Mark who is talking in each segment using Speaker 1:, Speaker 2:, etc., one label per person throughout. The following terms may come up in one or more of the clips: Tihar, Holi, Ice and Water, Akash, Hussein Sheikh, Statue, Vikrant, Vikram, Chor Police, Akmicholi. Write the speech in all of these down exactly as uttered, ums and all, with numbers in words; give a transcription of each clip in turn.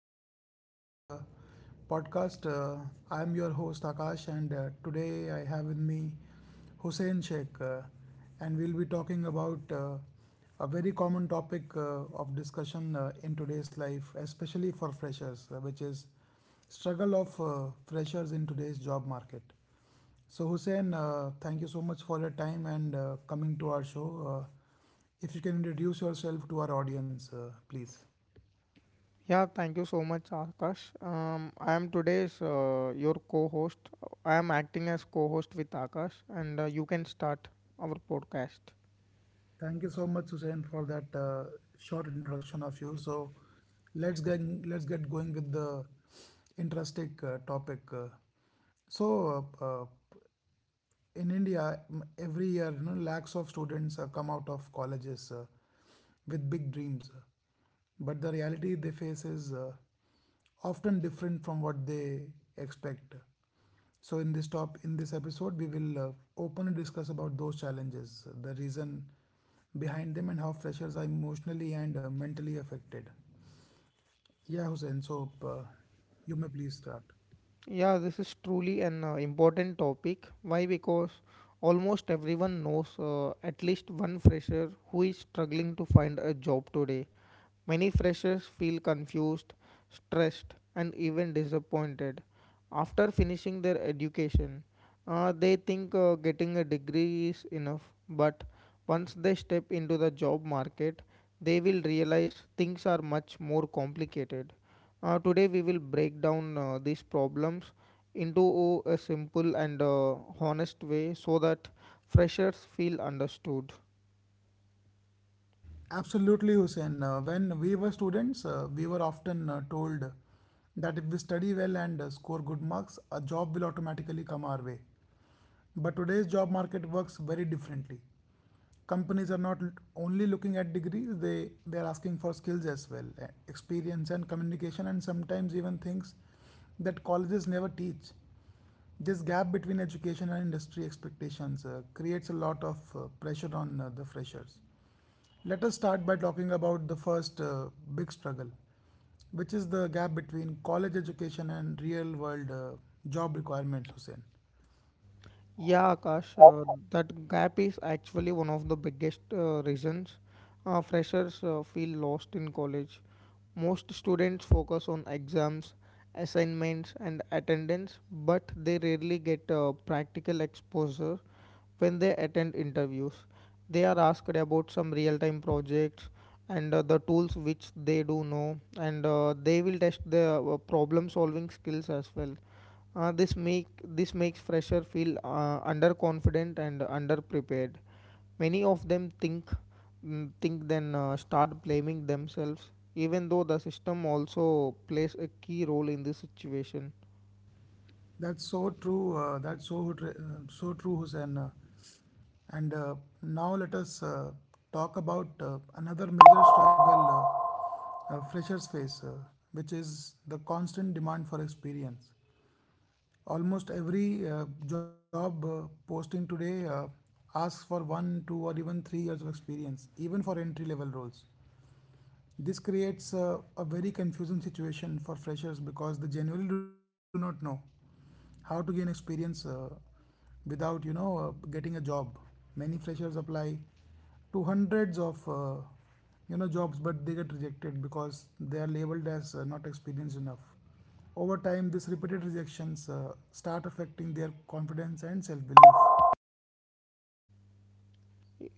Speaker 1: welcome back to our uh, podcast. Uh, I am your host Akash, and uh, today I have with me Hussein Sheikh, uh, and we'll be talking about uh, a very common topic uh, of discussion uh, in today's life, especially for freshers, uh, which is struggle of uh, freshers in today's job market. So, Hussein, uh, thank you so much for your time and uh, coming to our show. Uh, if you can introduce yourself to our audience, uh, please.
Speaker 2: Yeah, thank you so much, Akash. Um, I am today's uh, your co-host. I am acting as co-host with Akash, and uh, you can start our podcast.
Speaker 1: Thank you so much, Hussein, for that uh, short introduction of you. So let's get let's get going with the interesting uh, topic. Uh, so uh, uh, in India, every year, you know, lakhs of students uh, come out of colleges uh, with big dreams, but the reality they face is uh, often different from what they expect. So, in this top, in this episode, we will uh, openly discuss about those challenges, the reason behind them, and how freshers are emotionally and uh, mentally affected. Yeah, Hussein. So, uh, you may please start.
Speaker 2: Yeah, this is truly an uh, important topic. Why? Because almost everyone knows uh, at least one fresher who is struggling to find a job today. Many freshers feel confused, stressed, and even disappointed after finishing their education. Uh, they think uh, getting a degree is enough, but once they step into the job market, they will realize things are much more complicated. Uh, today, we will break down uh, these problems into uh, a simple and uh, honest way so that freshers feel understood.
Speaker 1: Absolutely, Hussein. Uh, when we were students, uh, we were often uh, told that if we study well and uh, score good marks, a job will automatically come our way. But today's job market works very differently. Companies are not l- only looking at degrees, they, they are asking for skills as well, eh, experience and communication, and sometimes even things that colleges never teach. This gap between education and industry expectations uh, creates a lot of uh, pressure on uh, the freshers. Let us start by talking about the first uh, big struggle, which is the gap between college education and real world uh, job requirements, Hussein.
Speaker 2: Yeah, Akash, uh, that gap is actually one of the biggest uh, reasons uh, freshers uh, feel lost in college. Most students focus on exams, assignments, and attendance, but they rarely get uh, practical exposure when they attend interviews. They are asked about some real time projects and uh, the tools which they do know, and uh, they will test their uh, problem solving skills as well. uh, this make this makes fresher feel uh, underconfident and underprepared. Many of them think mm, think then uh, start blaming themselves, even though the system also plays a key role in this situation.
Speaker 1: That's so true. Uh, that's so tr- uh, so true, Hussein. Uh, and uh, Now let us uh, talk about uh, another major struggle uh, uh, freshers face, uh, which is the constant demand for experience. Almost every uh, job uh, posting today uh, asks for one, two, or even three years of experience, even for entry level roles. This creates a, a very confusing situation for freshers because they generally do not know how to gain experience uh, without you know uh, getting a job. Many freshers apply to hundreds of uh, you know jobs, but they get rejected because they are labeled as uh, not experienced enough. Over time, these repeated rejections uh, start affecting their confidence and self belief.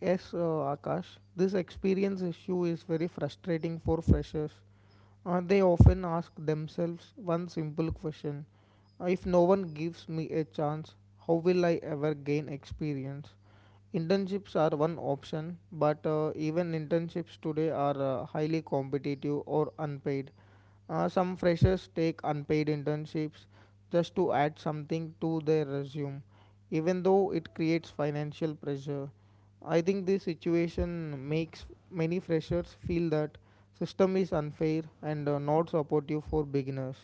Speaker 2: Yes, uh, Akash, this experience issue is very frustrating for freshers. Uh, they often ask themselves one simple question: Uh, If no one gives me a chance, how will I ever gain experience? Internships are one option, but uh, even internships today are uh, highly competitive or unpaid. Uh, some freshers take unpaid internships just to add something to their resume, even though it creates financial pressure. I think this situation makes many freshers feel that system is unfair and uh, not supportive for beginners.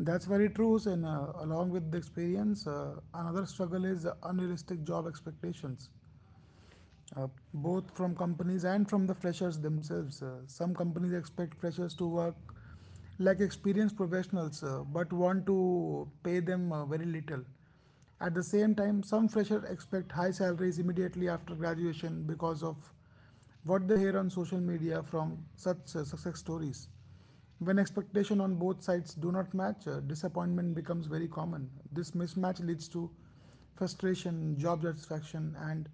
Speaker 1: That's very true. And uh, along with the experience, uh, another struggle is unrealistic job expectations, uh, both from companies and from the freshers themselves. Uh, some companies expect freshers to work like experienced professionals uh, but want to pay them uh, very little. At the same time, some freshers expect high salaries immediately after graduation because of what they hear on social media from such uh, success stories. When expectation on both sides do not match, uh, disappointment becomes very common. This mismatch leads to frustration, job satisfaction, and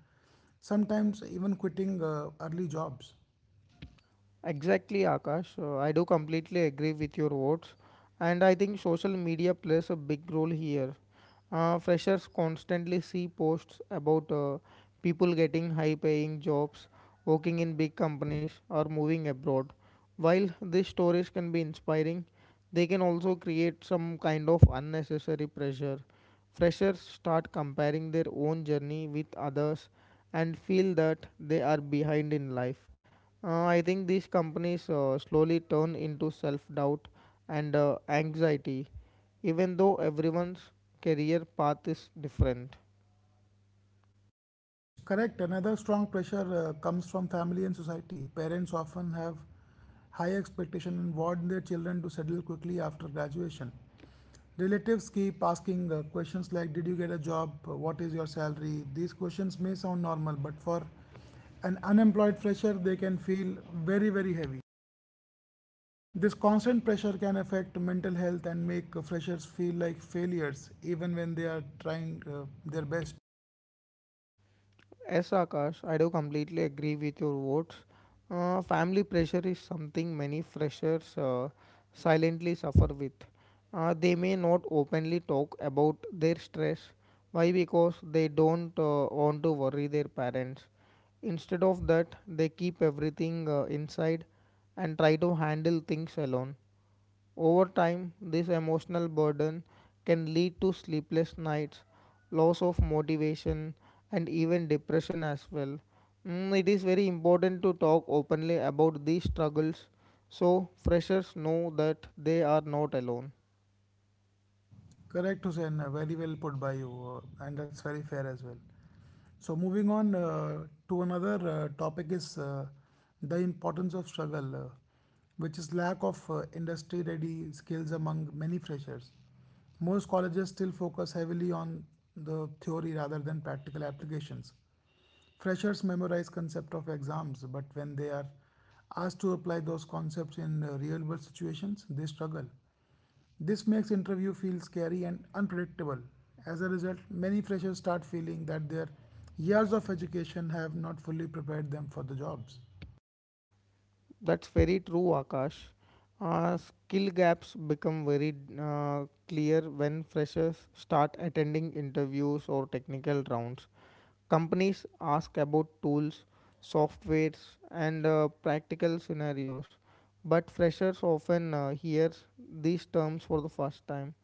Speaker 1: sometimes even quitting uh, early jobs.
Speaker 2: Exactly, Akash. Uh, I do completely agree with your words, and I think social media plays a big role here. Uh, freshers constantly see posts about uh, people getting high paying jobs, working in big companies, or moving abroad. While these stories can be inspiring, they can also create some kind of unnecessary pressure. Freshers start comparing their own journey with others and feel that they are behind in life. Uh, I think these companies uh, slowly turn into self doubt and uh, anxiety, even though everyone's career path is different.
Speaker 1: Correct. Another strong pressure uh, comes from family and society. Parents often have high expectation and want their children to settle quickly after graduation. Relatives keep asking uh, questions like, "Did you get a job? Uh, What is your salary?" These questions may sound normal, but for an unemployed fresher, they can feel very, very heavy. This constant pressure can affect mental health and make uh, freshers feel like failures, even when they are trying uh, their best.
Speaker 2: Yes, Akash, I do completely agree with your words. Uh, family pressure is something many freshers uh, silently suffer with. Uh, they may not openly talk about their stress. Why? Because they don't uh, want to worry their parents. Instead of that, they keep everything uh, inside and try to handle things alone. Over time, this emotional burden can lead to sleepless nights, loss of motivation, and even depression as well. Mm, it is very important to talk openly about these struggles so freshers know that they are not alone.
Speaker 1: Correct, Hussein. uh, Very well put by you, uh, and that's very fair as well. So, moving on uh, to another uh, topic is uh, the importance of struggle, uh, which is lack of uh, industry-ready skills among many freshers. Most colleges still focus heavily on the theory rather than practical applications. Freshers memorize concept of exams, but when they are asked to apply those concepts in uh, real-world situations, they struggle. This makes interview feel scary and unpredictable. As a result, many freshers start feeling that their years of education have not fully prepared them for the jobs.
Speaker 2: That's very true, Akash. Uh, skill gaps become very uh, clear when freshers start attending interviews or technical rounds. Companies ask about tools, softwares, and uh, practical scenarios, but freshers often uh, hear these terms for the first time.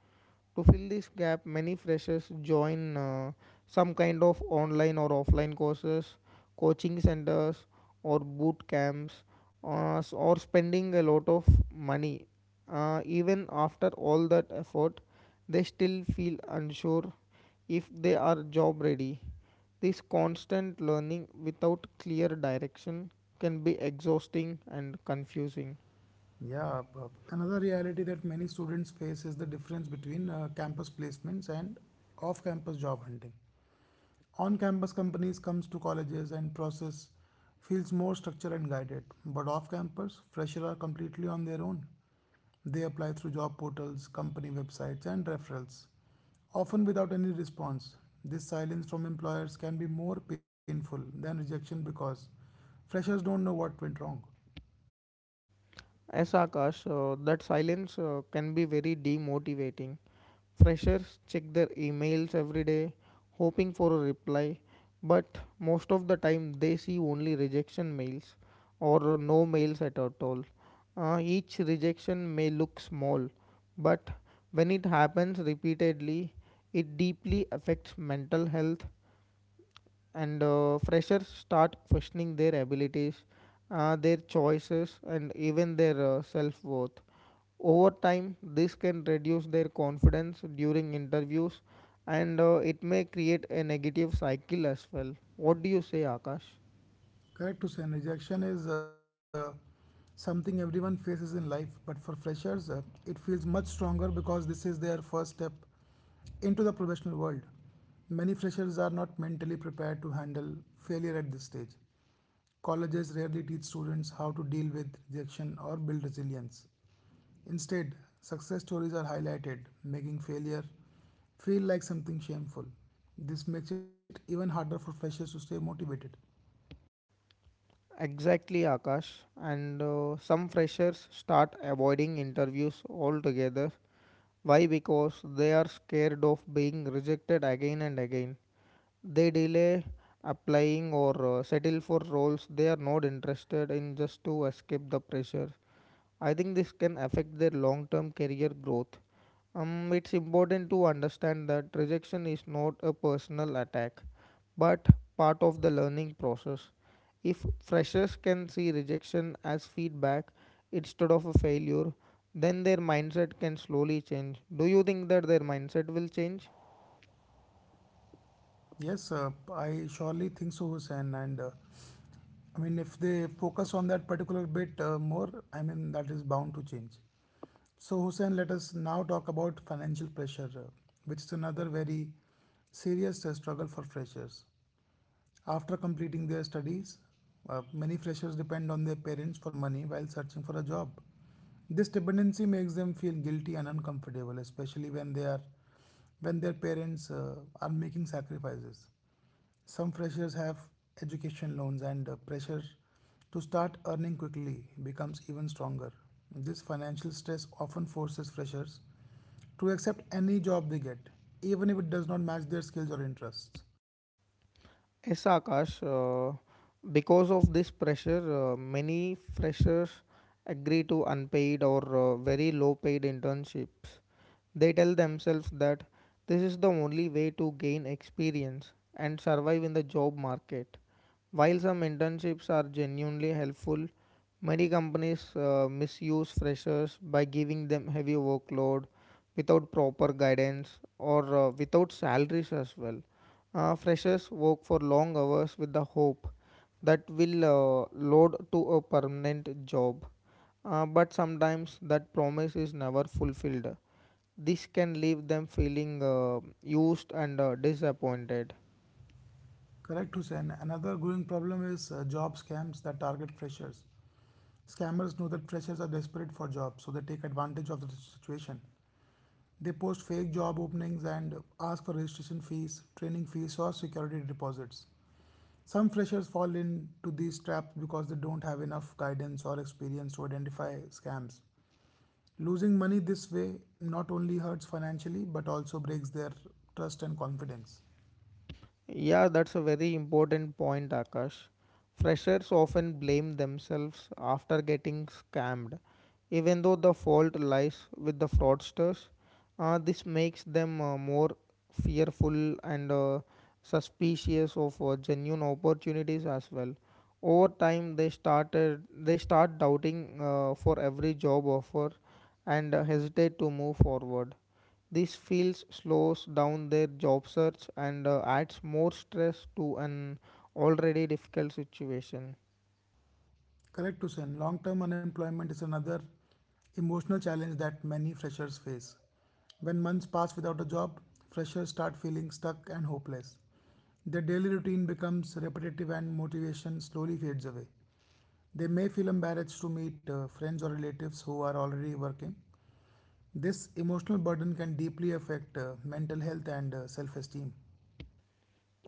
Speaker 2: To fill this gap, many freshers join uh, some kind of online or offline courses, coaching centers, or boot camps, uh, s- or spending a lot of money. Uh, even after all that effort, they still feel unsure if they are job ready. This constant learning without clear direction can be exhausting and confusing.
Speaker 1: Yeah, Bob. Another reality that many students face is the difference between uh, campus placements and off-campus job hunting. On-campus companies comes to colleges and process feels more structured and guided, but off-campus freshers are completely on their own. They apply through job portals, company websites, and referrals, often without any response. This silence from employers can be more painful than rejection because freshers don't know what went wrong.
Speaker 2: As Akash, uh, that silence uh, can be very demotivating. Freshers check their emails every day, hoping for a reply, but most of the time they see only rejection mails or no mails at all. Uh, each rejection may look small, but when it happens repeatedly, it deeply affects mental health, and uh, freshers start questioning their abilities, uh, their choices, and even their uh, self worth. Over time, this can reduce their confidence during interviews and uh, it may create a negative cycle as well. What do you say, Akash?
Speaker 1: Correct, to say, rejection is uh, something everyone faces in life, but for freshers, uh, it feels much stronger because this is their first step into the professional world. Many freshers are not mentally prepared to handle failure at this stage. Colleges rarely teach students how to deal with rejection or build resilience. Instead, success stories are highlighted, making failure feel like something shameful. This makes it even harder for freshers to stay motivated.
Speaker 2: Exactly, Akash. And uh, some freshers start avoiding interviews altogether. Why? Because they are scared of being rejected again and again. They delay applying or uh, settle for roles they are not interested in just to escape the pressure. I think this can affect their long term career growth. Um, it's important to understand that rejection is not a personal attack, but part of the learning process. If freshers can see rejection as feedback instead of a failure, then their mindset can slowly change. Do you think that their mindset will change?
Speaker 1: Yes, uh, I surely think so, Hussein. And uh, I mean, if they focus on that particular bit uh, more, I mean, that is bound to change. So, Hussein, let us now talk about financial pressure, uh, which is another very serious uh, struggle for freshers. After completing their studies, uh, many freshers depend on their parents for money while searching for a job. This dependency makes them feel guilty and uncomfortable, especially when they are when their parents uh, are making sacrifices. Some freshers have education loans and uh, pressure to start earning quickly becomes even stronger. This financial stress often forces freshers to accept any job they get, even if it does not match their skills or interests.
Speaker 2: Yes, Akash. Uh, because of this pressure, uh, many freshers agree to unpaid or uh, very low paid internships. They tell themselves that this is the only way to gain experience and survive in the job market. While some internships are genuinely helpful, many companies uh, misuse freshers by giving them heavy workload without proper guidance or uh, without salaries as well. Uh, freshers work for long hours with the hope that will uh, load to a permanent job. Uh, but sometimes that promise is never fulfilled. This can leave them feeling uh, used and uh, disappointed.
Speaker 1: Correct, Hussein. Another growing problem is uh, job scams that target freshers. Scammers know that freshers are desperate for jobs, so they take advantage of the situation. They post fake job openings and ask for registration fees, training fees, or security deposits. Some freshers fall into these traps because they don't have enough guidance or experience to identify scams. Losing money this way not only hurts financially but also breaks their trust and confidence.
Speaker 2: Yeah, that's a very important point, Akash. Freshers often blame themselves after getting scammed, even though the fault lies with the fraudsters. Uh, this makes them uh, more fearful and uh, suspicious of uh, genuine opportunities as well. Over time, they started they start doubting uh, for every job offer and uh, hesitate to move forward. This feels slows down their job search and uh, adds more stress to an already difficult situation.
Speaker 1: Correct, Hussein. Long term unemployment is another emotional challenge that many freshers face. When months pass without a job, freshers start feeling stuck and hopeless. Their daily routine becomes repetitive and motivation slowly fades away. They may feel embarrassed to meet uh, friends or relatives who are already working. This emotional burden can deeply affect uh, mental health and self esteem.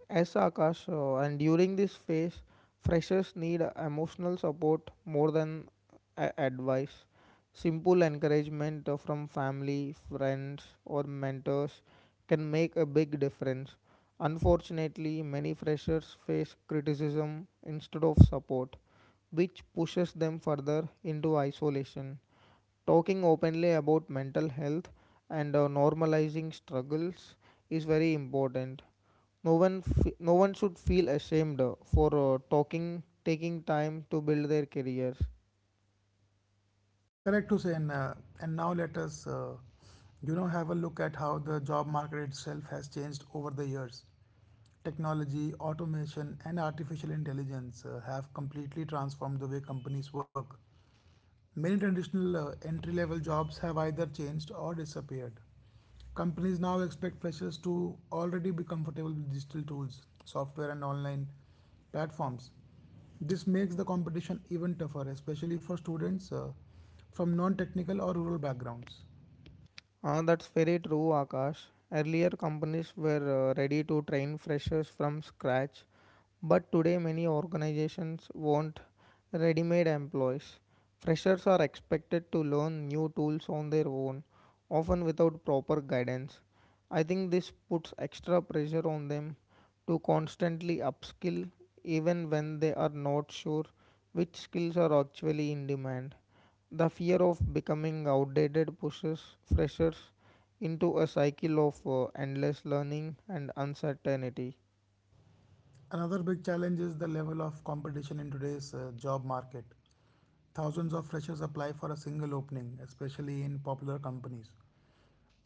Speaker 2: As Akash, uh, and during this phase, freshers need emotional support more than a- advice. Simple encouragement uh, from family, friends, or mentors can make a big difference. Unfortunately, many freshers face criticism instead of support, which pushes them further into isolation. Talking openly about mental health and uh, normalizing struggles is very important. No one, f- no one should feel ashamed uh, for uh, talking, taking time to build their careers.
Speaker 1: Correct, Hussein. Uh, and now let us, uh, you know, have a look at how the job market itself has changed over the years. Technology, automation, and artificial intelligence uh, have completely transformed the way companies work. Many traditional uh, entry-level jobs have either changed or disappeared. Companies now expect freshers to already be comfortable with digital tools, software, and online platforms. This makes the competition even tougher, especially for students uh, from non technical or rural backgrounds.
Speaker 2: Ah, that's very true, Akash. Earlier, companies were uh, ready to train freshers from scratch, but today, many organizations want ready made employees. Freshers are expected to learn new tools on their own, often without proper guidance. I think this puts extra pressure on them to constantly upskill, even when they are not sure which skills are actually in demand. The fear of becoming outdated pushes freshers into a cycle of uh, endless learning and uncertainty.
Speaker 1: Another big challenge is the level of competition in today's uh, job market. Thousands of freshers apply for a single opening, especially in popular companies.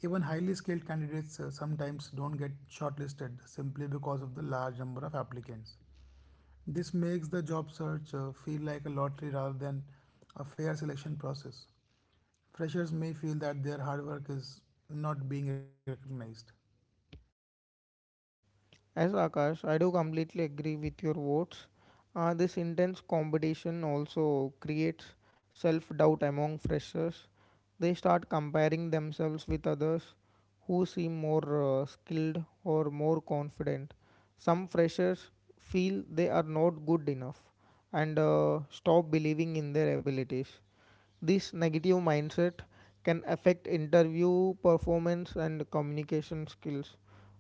Speaker 1: Even highly skilled candidates uh, sometimes don't get shortlisted simply because of the large number of applicants. This makes the job search uh, feel like a lottery rather than a fair selection process. Freshers may feel that their hard work is not being recognized.
Speaker 2: As Akash, I do completely agree with your words. Uh, this intense competition also creates self doubt among freshers. They start comparing themselves with others who seem more uh, skilled or more confident. Some freshers feel they are not good enough and uh, stop believing in their abilities. This negative mindset can affect interview performance and communication skills.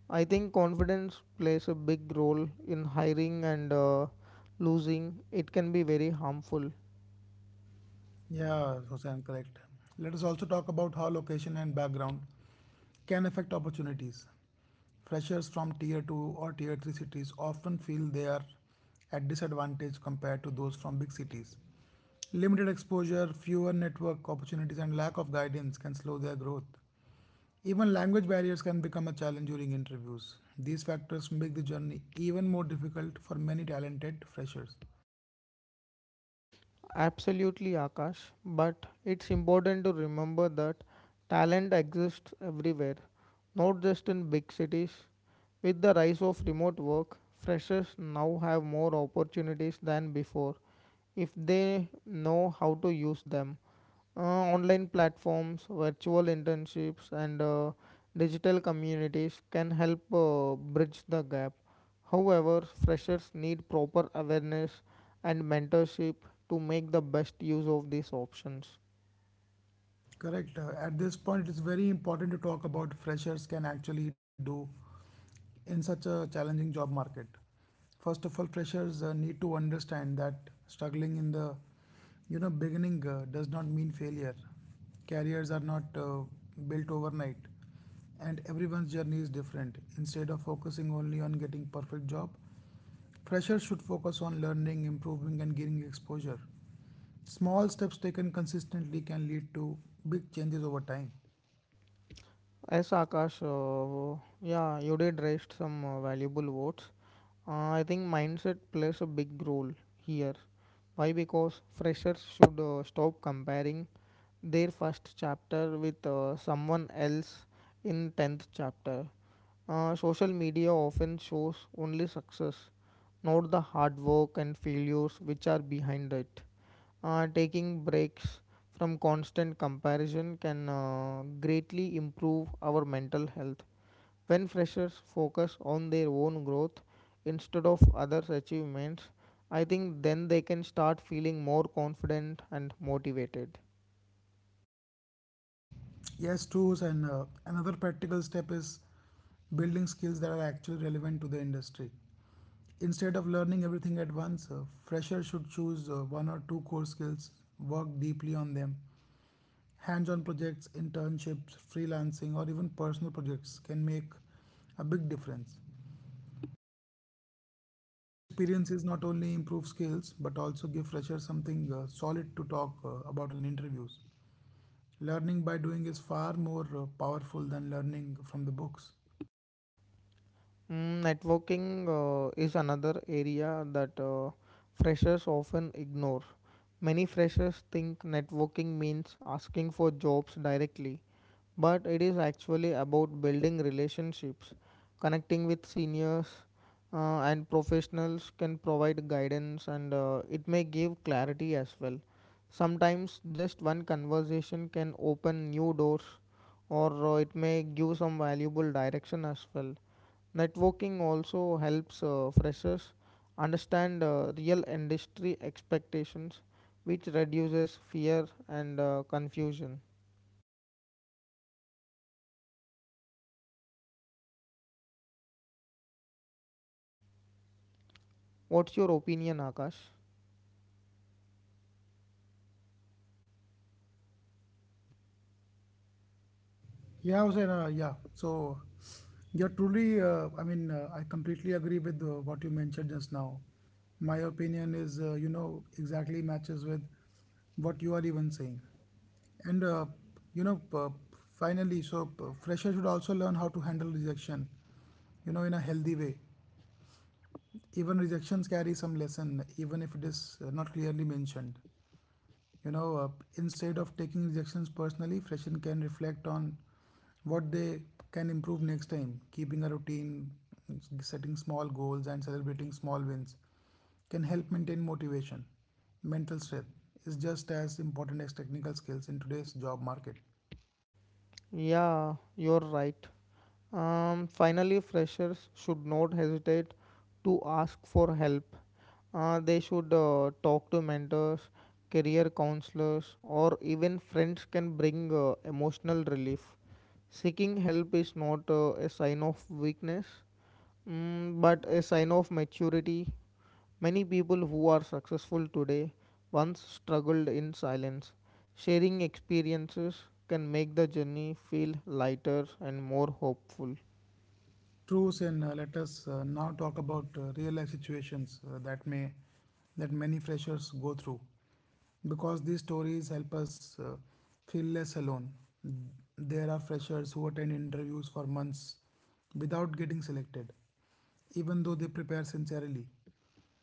Speaker 2: I think confidence plays a big role in hiring and uh, losing. It can be very harmful.
Speaker 1: Yeah, Hussein, correct. Let us also talk about how location and background can affect opportunities. Freshers from tier two or tier three cities often feel they are at disadvantage compared to those from big cities. Limited exposure, fewer network opportunities, and lack of guidance can slow their growth. Even language barriers can become a challenge during interviews. These factors make the journey even more difficult for many talented freshers.
Speaker 2: Absolutely, Akash. But it's important to remember that talent exists everywhere, not just in big cities. With the rise of remote work, freshers now have more opportunities than before if they know how to use them. Uh, online platforms, virtual internships, and uh, digital communities can help uh, bridge the gap. However, freshers need proper awareness and mentorship to make the best use of these options.
Speaker 1: Correct. Uh, At this point, it's very important to talk about freshers can actually do in such a challenging job market. First of all, freshers uh, need to understand that struggling in the you know beginning uh, does not mean failure. Careers are not uh, built overnight, and everyone's journey is different. Instead of focusing only on getting perfect job, freshers should focus on learning, improving, and gaining exposure. Small steps taken consistently can lead to big changes over time.
Speaker 2: As Akash, uh, yeah, you did raise some uh, valuable words. Uh, I think mindset plays a big role here. Why? Because freshers should uh, stop comparing their first chapter with uh, someone else in tenth chapter. Uh, social media often shows only success, not the hard work and failures which are behind it. Uh, taking breaks from constant comparison can uh, greatly improve our mental health. When freshers focus on their own growth instead of others' achievements, I think then they can start feeling more confident and motivated.
Speaker 1: Yes, tools and uh, another practical step is building skills that are actually relevant to the industry. Instead of learning everything at once, uh, freshers should choose uh, one or two core skills, work deeply on them. Hands on projects, internships, freelancing, or even personal projects can make a big difference. These experiences not only improve skills but also give freshers something uh, solid to talk uh, about in interviews. Learning by doing is far more uh, powerful than learning from the books.
Speaker 2: Mm, Networking uh, is another area that uh, freshers often ignore. Many freshers think networking means asking for jobs directly, but it is actually about building relationships. Connecting with seniors uh, and professionals can provide guidance and uh, it may give clarity as well. Sometimes just one conversation can open new doors or uh, it may give some valuable direction as well. Networking also helps uh, freshers understand uh, real industry expectations, which reduces fear and uh, confusion. What's your opinion, Akash?
Speaker 1: Yeah, Hussein, uh, yeah. So you're truly, uh, I mean, uh, I completely agree with uh, what you mentioned just now. My opinion is, uh, you know, exactly matches with what you are even saying. And, uh, you know, p- Finally, so uh, fresher should also learn how to handle rejection, you know, in a healthy way. Even rejections carry some lesson, even if it is uh, not clearly mentioned. you know uh, Instead of taking rejections personally, freshmen can reflect on what they can improve next time. Keeping a routine, setting small goals, and celebrating small wins can help maintain motivation. Mental strength is just as important as technical skills in today's job market.
Speaker 2: Yeah, you're right. Um, finally, freshers should not hesitate to ask for help. Uh, they should uh, talk to mentors, career counselors, or even friends can bring uh, emotional relief. Seeking help is not uh, a sign of weakness, mm, but a sign of maturity. Many people who are successful today once struggled in silence. Sharing experiences can make the journey feel lighter and more hopeful.
Speaker 1: Truths. And Uh, let us uh, now talk about uh, real life situations uh, that may that many freshers go through, because these stories help us uh, feel less alone. There are freshers who attend interviews for months without getting selected, even though they prepare sincerely.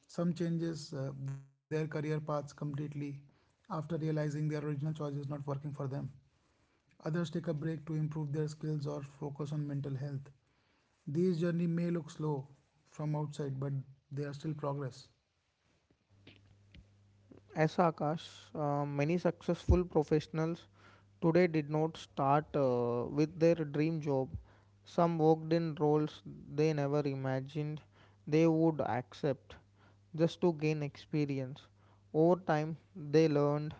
Speaker 1: Some changes uh, their career paths completely after realizing their original choice is not working for them. Others take a break to improve their skills or focus on mental health. These journey may look slow from outside, but they are still progress.
Speaker 2: As Akash, uh, many successful professionals today did not start uh, with their dream job. Some worked in roles they never imagined they would accept just to gain experience. Over time, they learned,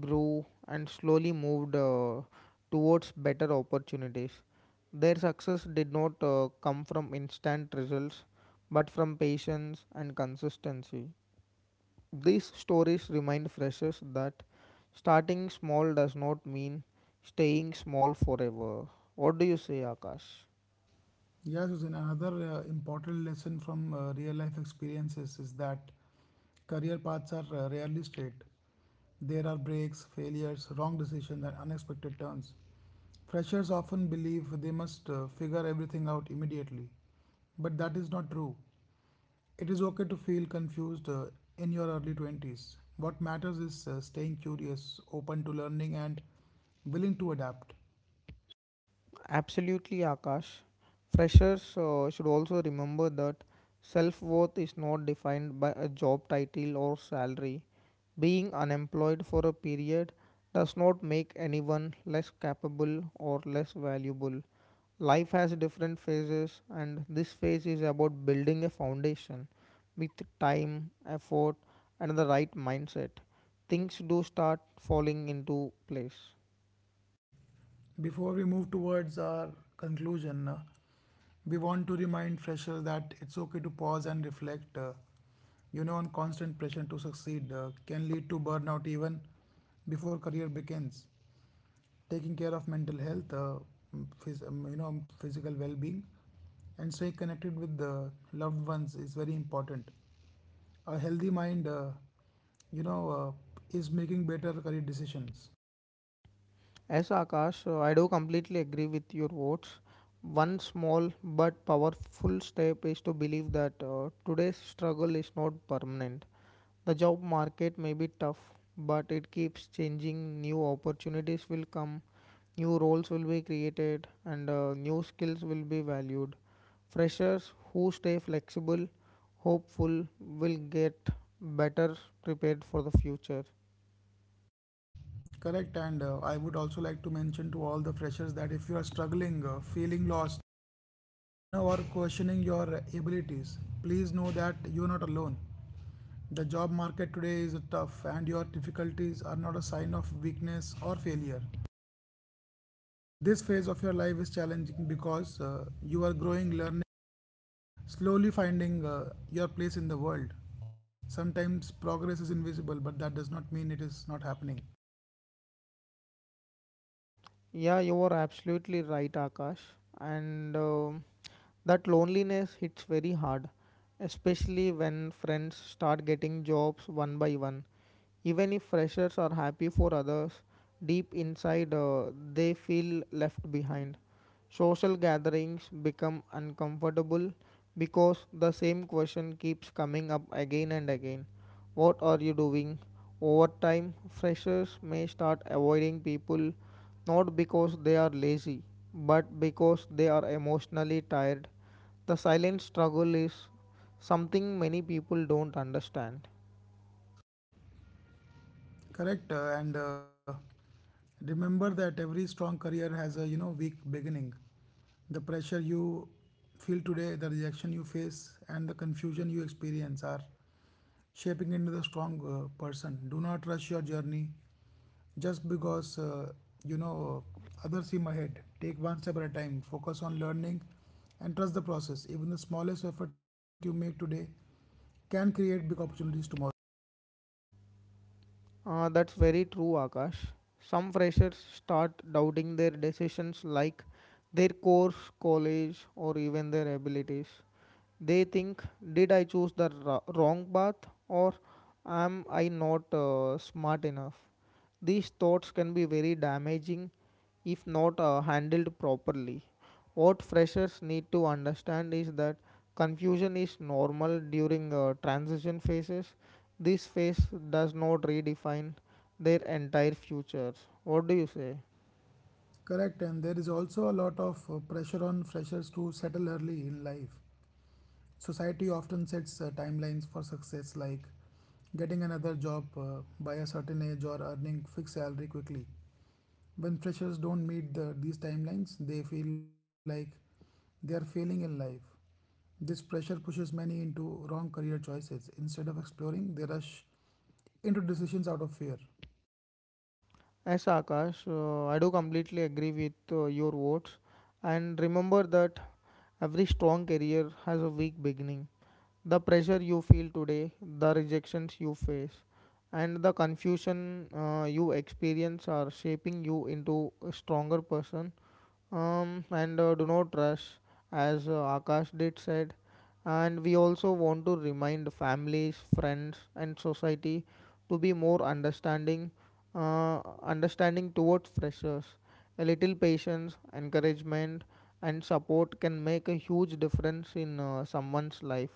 Speaker 2: grew, and slowly moved uh, towards better opportunities. Their success did not uh, come from instant results but from patience and consistency. These stories remind freshers that starting small does not mean staying small forever. What do you say, Akash?
Speaker 1: Yes, Hussein, another uh, important lesson from uh, real life experiences is that career paths are uh, rarely straight. There are breaks, failures, wrong decisions, and unexpected turns. Freshers often believe they must uh, figure everything out immediately, but that is not true. It is okay to feel confused uh, in your early twenties. What matters is uh, staying curious, open to learning, and willing to adapt.
Speaker 2: Absolutely, Akash. Freshers uh, should also remember that self worth is not defined by a job title or salary. Being unemployed for a period does not make anyone less capable or less valuable. Life has different phases, and this phase is about building a foundation with time, effort, and the right mindset. Things do start falling into place.
Speaker 1: Before we move towards our conclusion, uh, we want to remind freshers that it's okay to pause and reflect. Uh, you know, on constant pressure to succeed uh, can lead to burnout even before career begins. Taking care of mental health, uh, phys- um, you know, physical well-being, and staying connected with the loved ones is very important. A healthy mind, uh, you know, uh, is making better career decisions.
Speaker 2: As Akash, uh, I do completely agree with your words. One small but powerful step is to believe that uh, today's struggle is not permanent. The job market may be tough, but it keeps changing. New opportunities will come, new roles will be created, and uh, new skills will be valued. Freshers who stay flexible, hopeful, will get better prepared for the future.
Speaker 1: Correct. And uh, I would also like to mention to all the freshers that if you are struggling, uh, feeling lost, you know, or questioning your abilities, please know that you're not alone. The job market today is tough, and your difficulties are not a sign of weakness or failure. This phase of your life is challenging because uh, you are growing, learning, slowly finding uh, your place in the world. Sometimes progress is invisible, but that does not mean it is not happening.
Speaker 2: Yeah, you are absolutely right, Akash. And um that loneliness hits very hard, especially when friends start getting jobs one by one. Even if freshers are happy for others, deep inside uh, they feel left behind. Social gatherings become uncomfortable because the same question keeps coming up again and again. What are you doing? Over time, freshers may start avoiding people not because they are lazy, but because they are emotionally tired. The silent struggle is something many people don't understand.
Speaker 1: Correct, uh, and uh, remember that every strong career has a you know weak beginning. The pressure you feel today, the rejection you face, and the confusion you experience are shaping into the strong uh, person. Do not rush your journey just because uh, you know others seem ahead. Take one step at a time, focus on learning, and trust the process. Even the smallest effort you make today can create big opportunities tomorrow.
Speaker 2: Uh, that's very true, Akash. Some freshers start doubting their decisions like their course, college, or even their abilities. They think, did I choose the ra- wrong path, or am I not uh, smart enough? These thoughts can be very damaging if not uh, handled properly. What freshers need to understand is that confusion is normal during uh, transition phases. This phase does not redefine their entire futures. What do you say?
Speaker 1: Correct. And there is also a lot of uh, pressure on freshers to settle early in life. Society often sets uh, timelines for success, like getting another job uh, by a certain age or earning fixed salary quickly. When freshers don't meet the, these timelines, they feel like they are failing in life. This pressure pushes many into wrong career choices. Instead of exploring, they rush into decisions out of fear.
Speaker 2: As Akash, uh, I do completely agree with uh, your words. And remember that every strong career has a weak beginning. The pressure you feel today, the rejections you face, and the confusion uh, you experience are shaping you into a stronger person. Um, and uh, Do not rush, as uh, Akash did said. And we also want to remind families, friends, and society to be more understanding, uh, understanding towards freshers. A little patience, encouragement, and support can make a huge difference in uh, someone's life.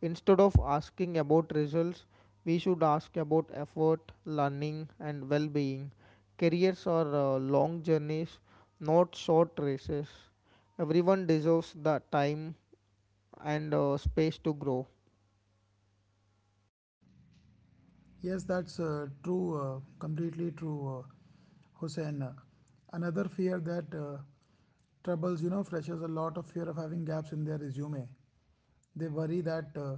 Speaker 2: Instead of asking about results, we should ask about effort, learning, and well being. Careers are uh, long journeys, not short races. Everyone deserves the time and uh, space to grow.
Speaker 1: Yes, that's uh, true, uh, completely true, uh, Hussein. Uh, Another fear that uh, troubles, you know, freshers a lot of fear of having gaps in their resume. They worry that uh,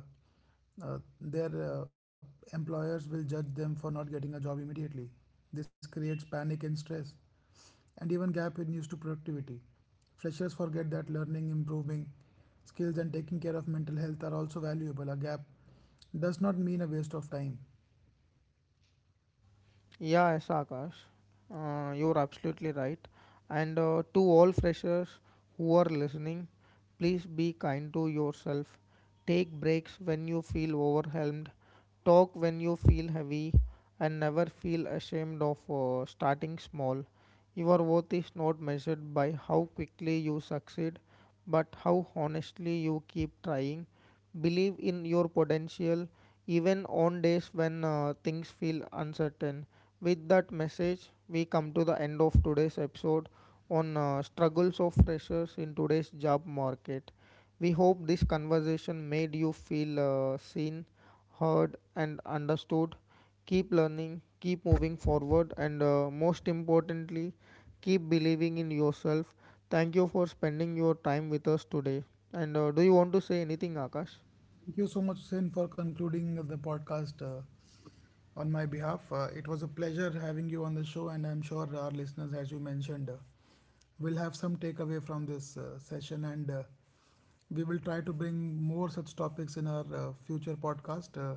Speaker 1: uh, their uh, employers will judge them for not getting a job immediately. This creates panic and stress, and even gap in used to productivity. Freshers forget that learning, improving skills, and taking care of mental health are also valuable. A gap does not mean a waste of time.
Speaker 2: Yeah, yes, Akash. Uh, you're absolutely right. And uh, to all freshers who are listening, please be kind to yourself. Take breaks when you feel overwhelmed, talk when you feel heavy, and never feel ashamed of uh, starting small. Your worth is not measured by how quickly you succeed, but how honestly you keep trying. Believe in your potential even on days when uh, things feel uncertain. With that message, we come to the end of today's episode on uh, struggles of freshers in today's job market. We hope this conversation made you feel uh, seen, heard, and understood. Keep learning, keep moving forward, and uh, most importantly, keep believing in yourself. Thank you for spending your time with us today. And uh, do you want to say anything, Akash?
Speaker 1: Thank you so much, Sin, for concluding the podcast. Uh, on my behalf. Uh, it was a pleasure having you on the show, and I'm sure our listeners, as you mentioned, uh, will have some takeaway from this uh, session, and uh, we will try to bring more such topics in our uh, future podcast. Uh,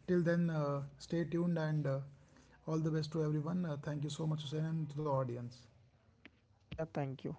Speaker 1: Till then, uh, stay tuned and uh, all the best to everyone. Uh, thank you so much, Hussein, and to the audience.
Speaker 2: Yeah, thank you.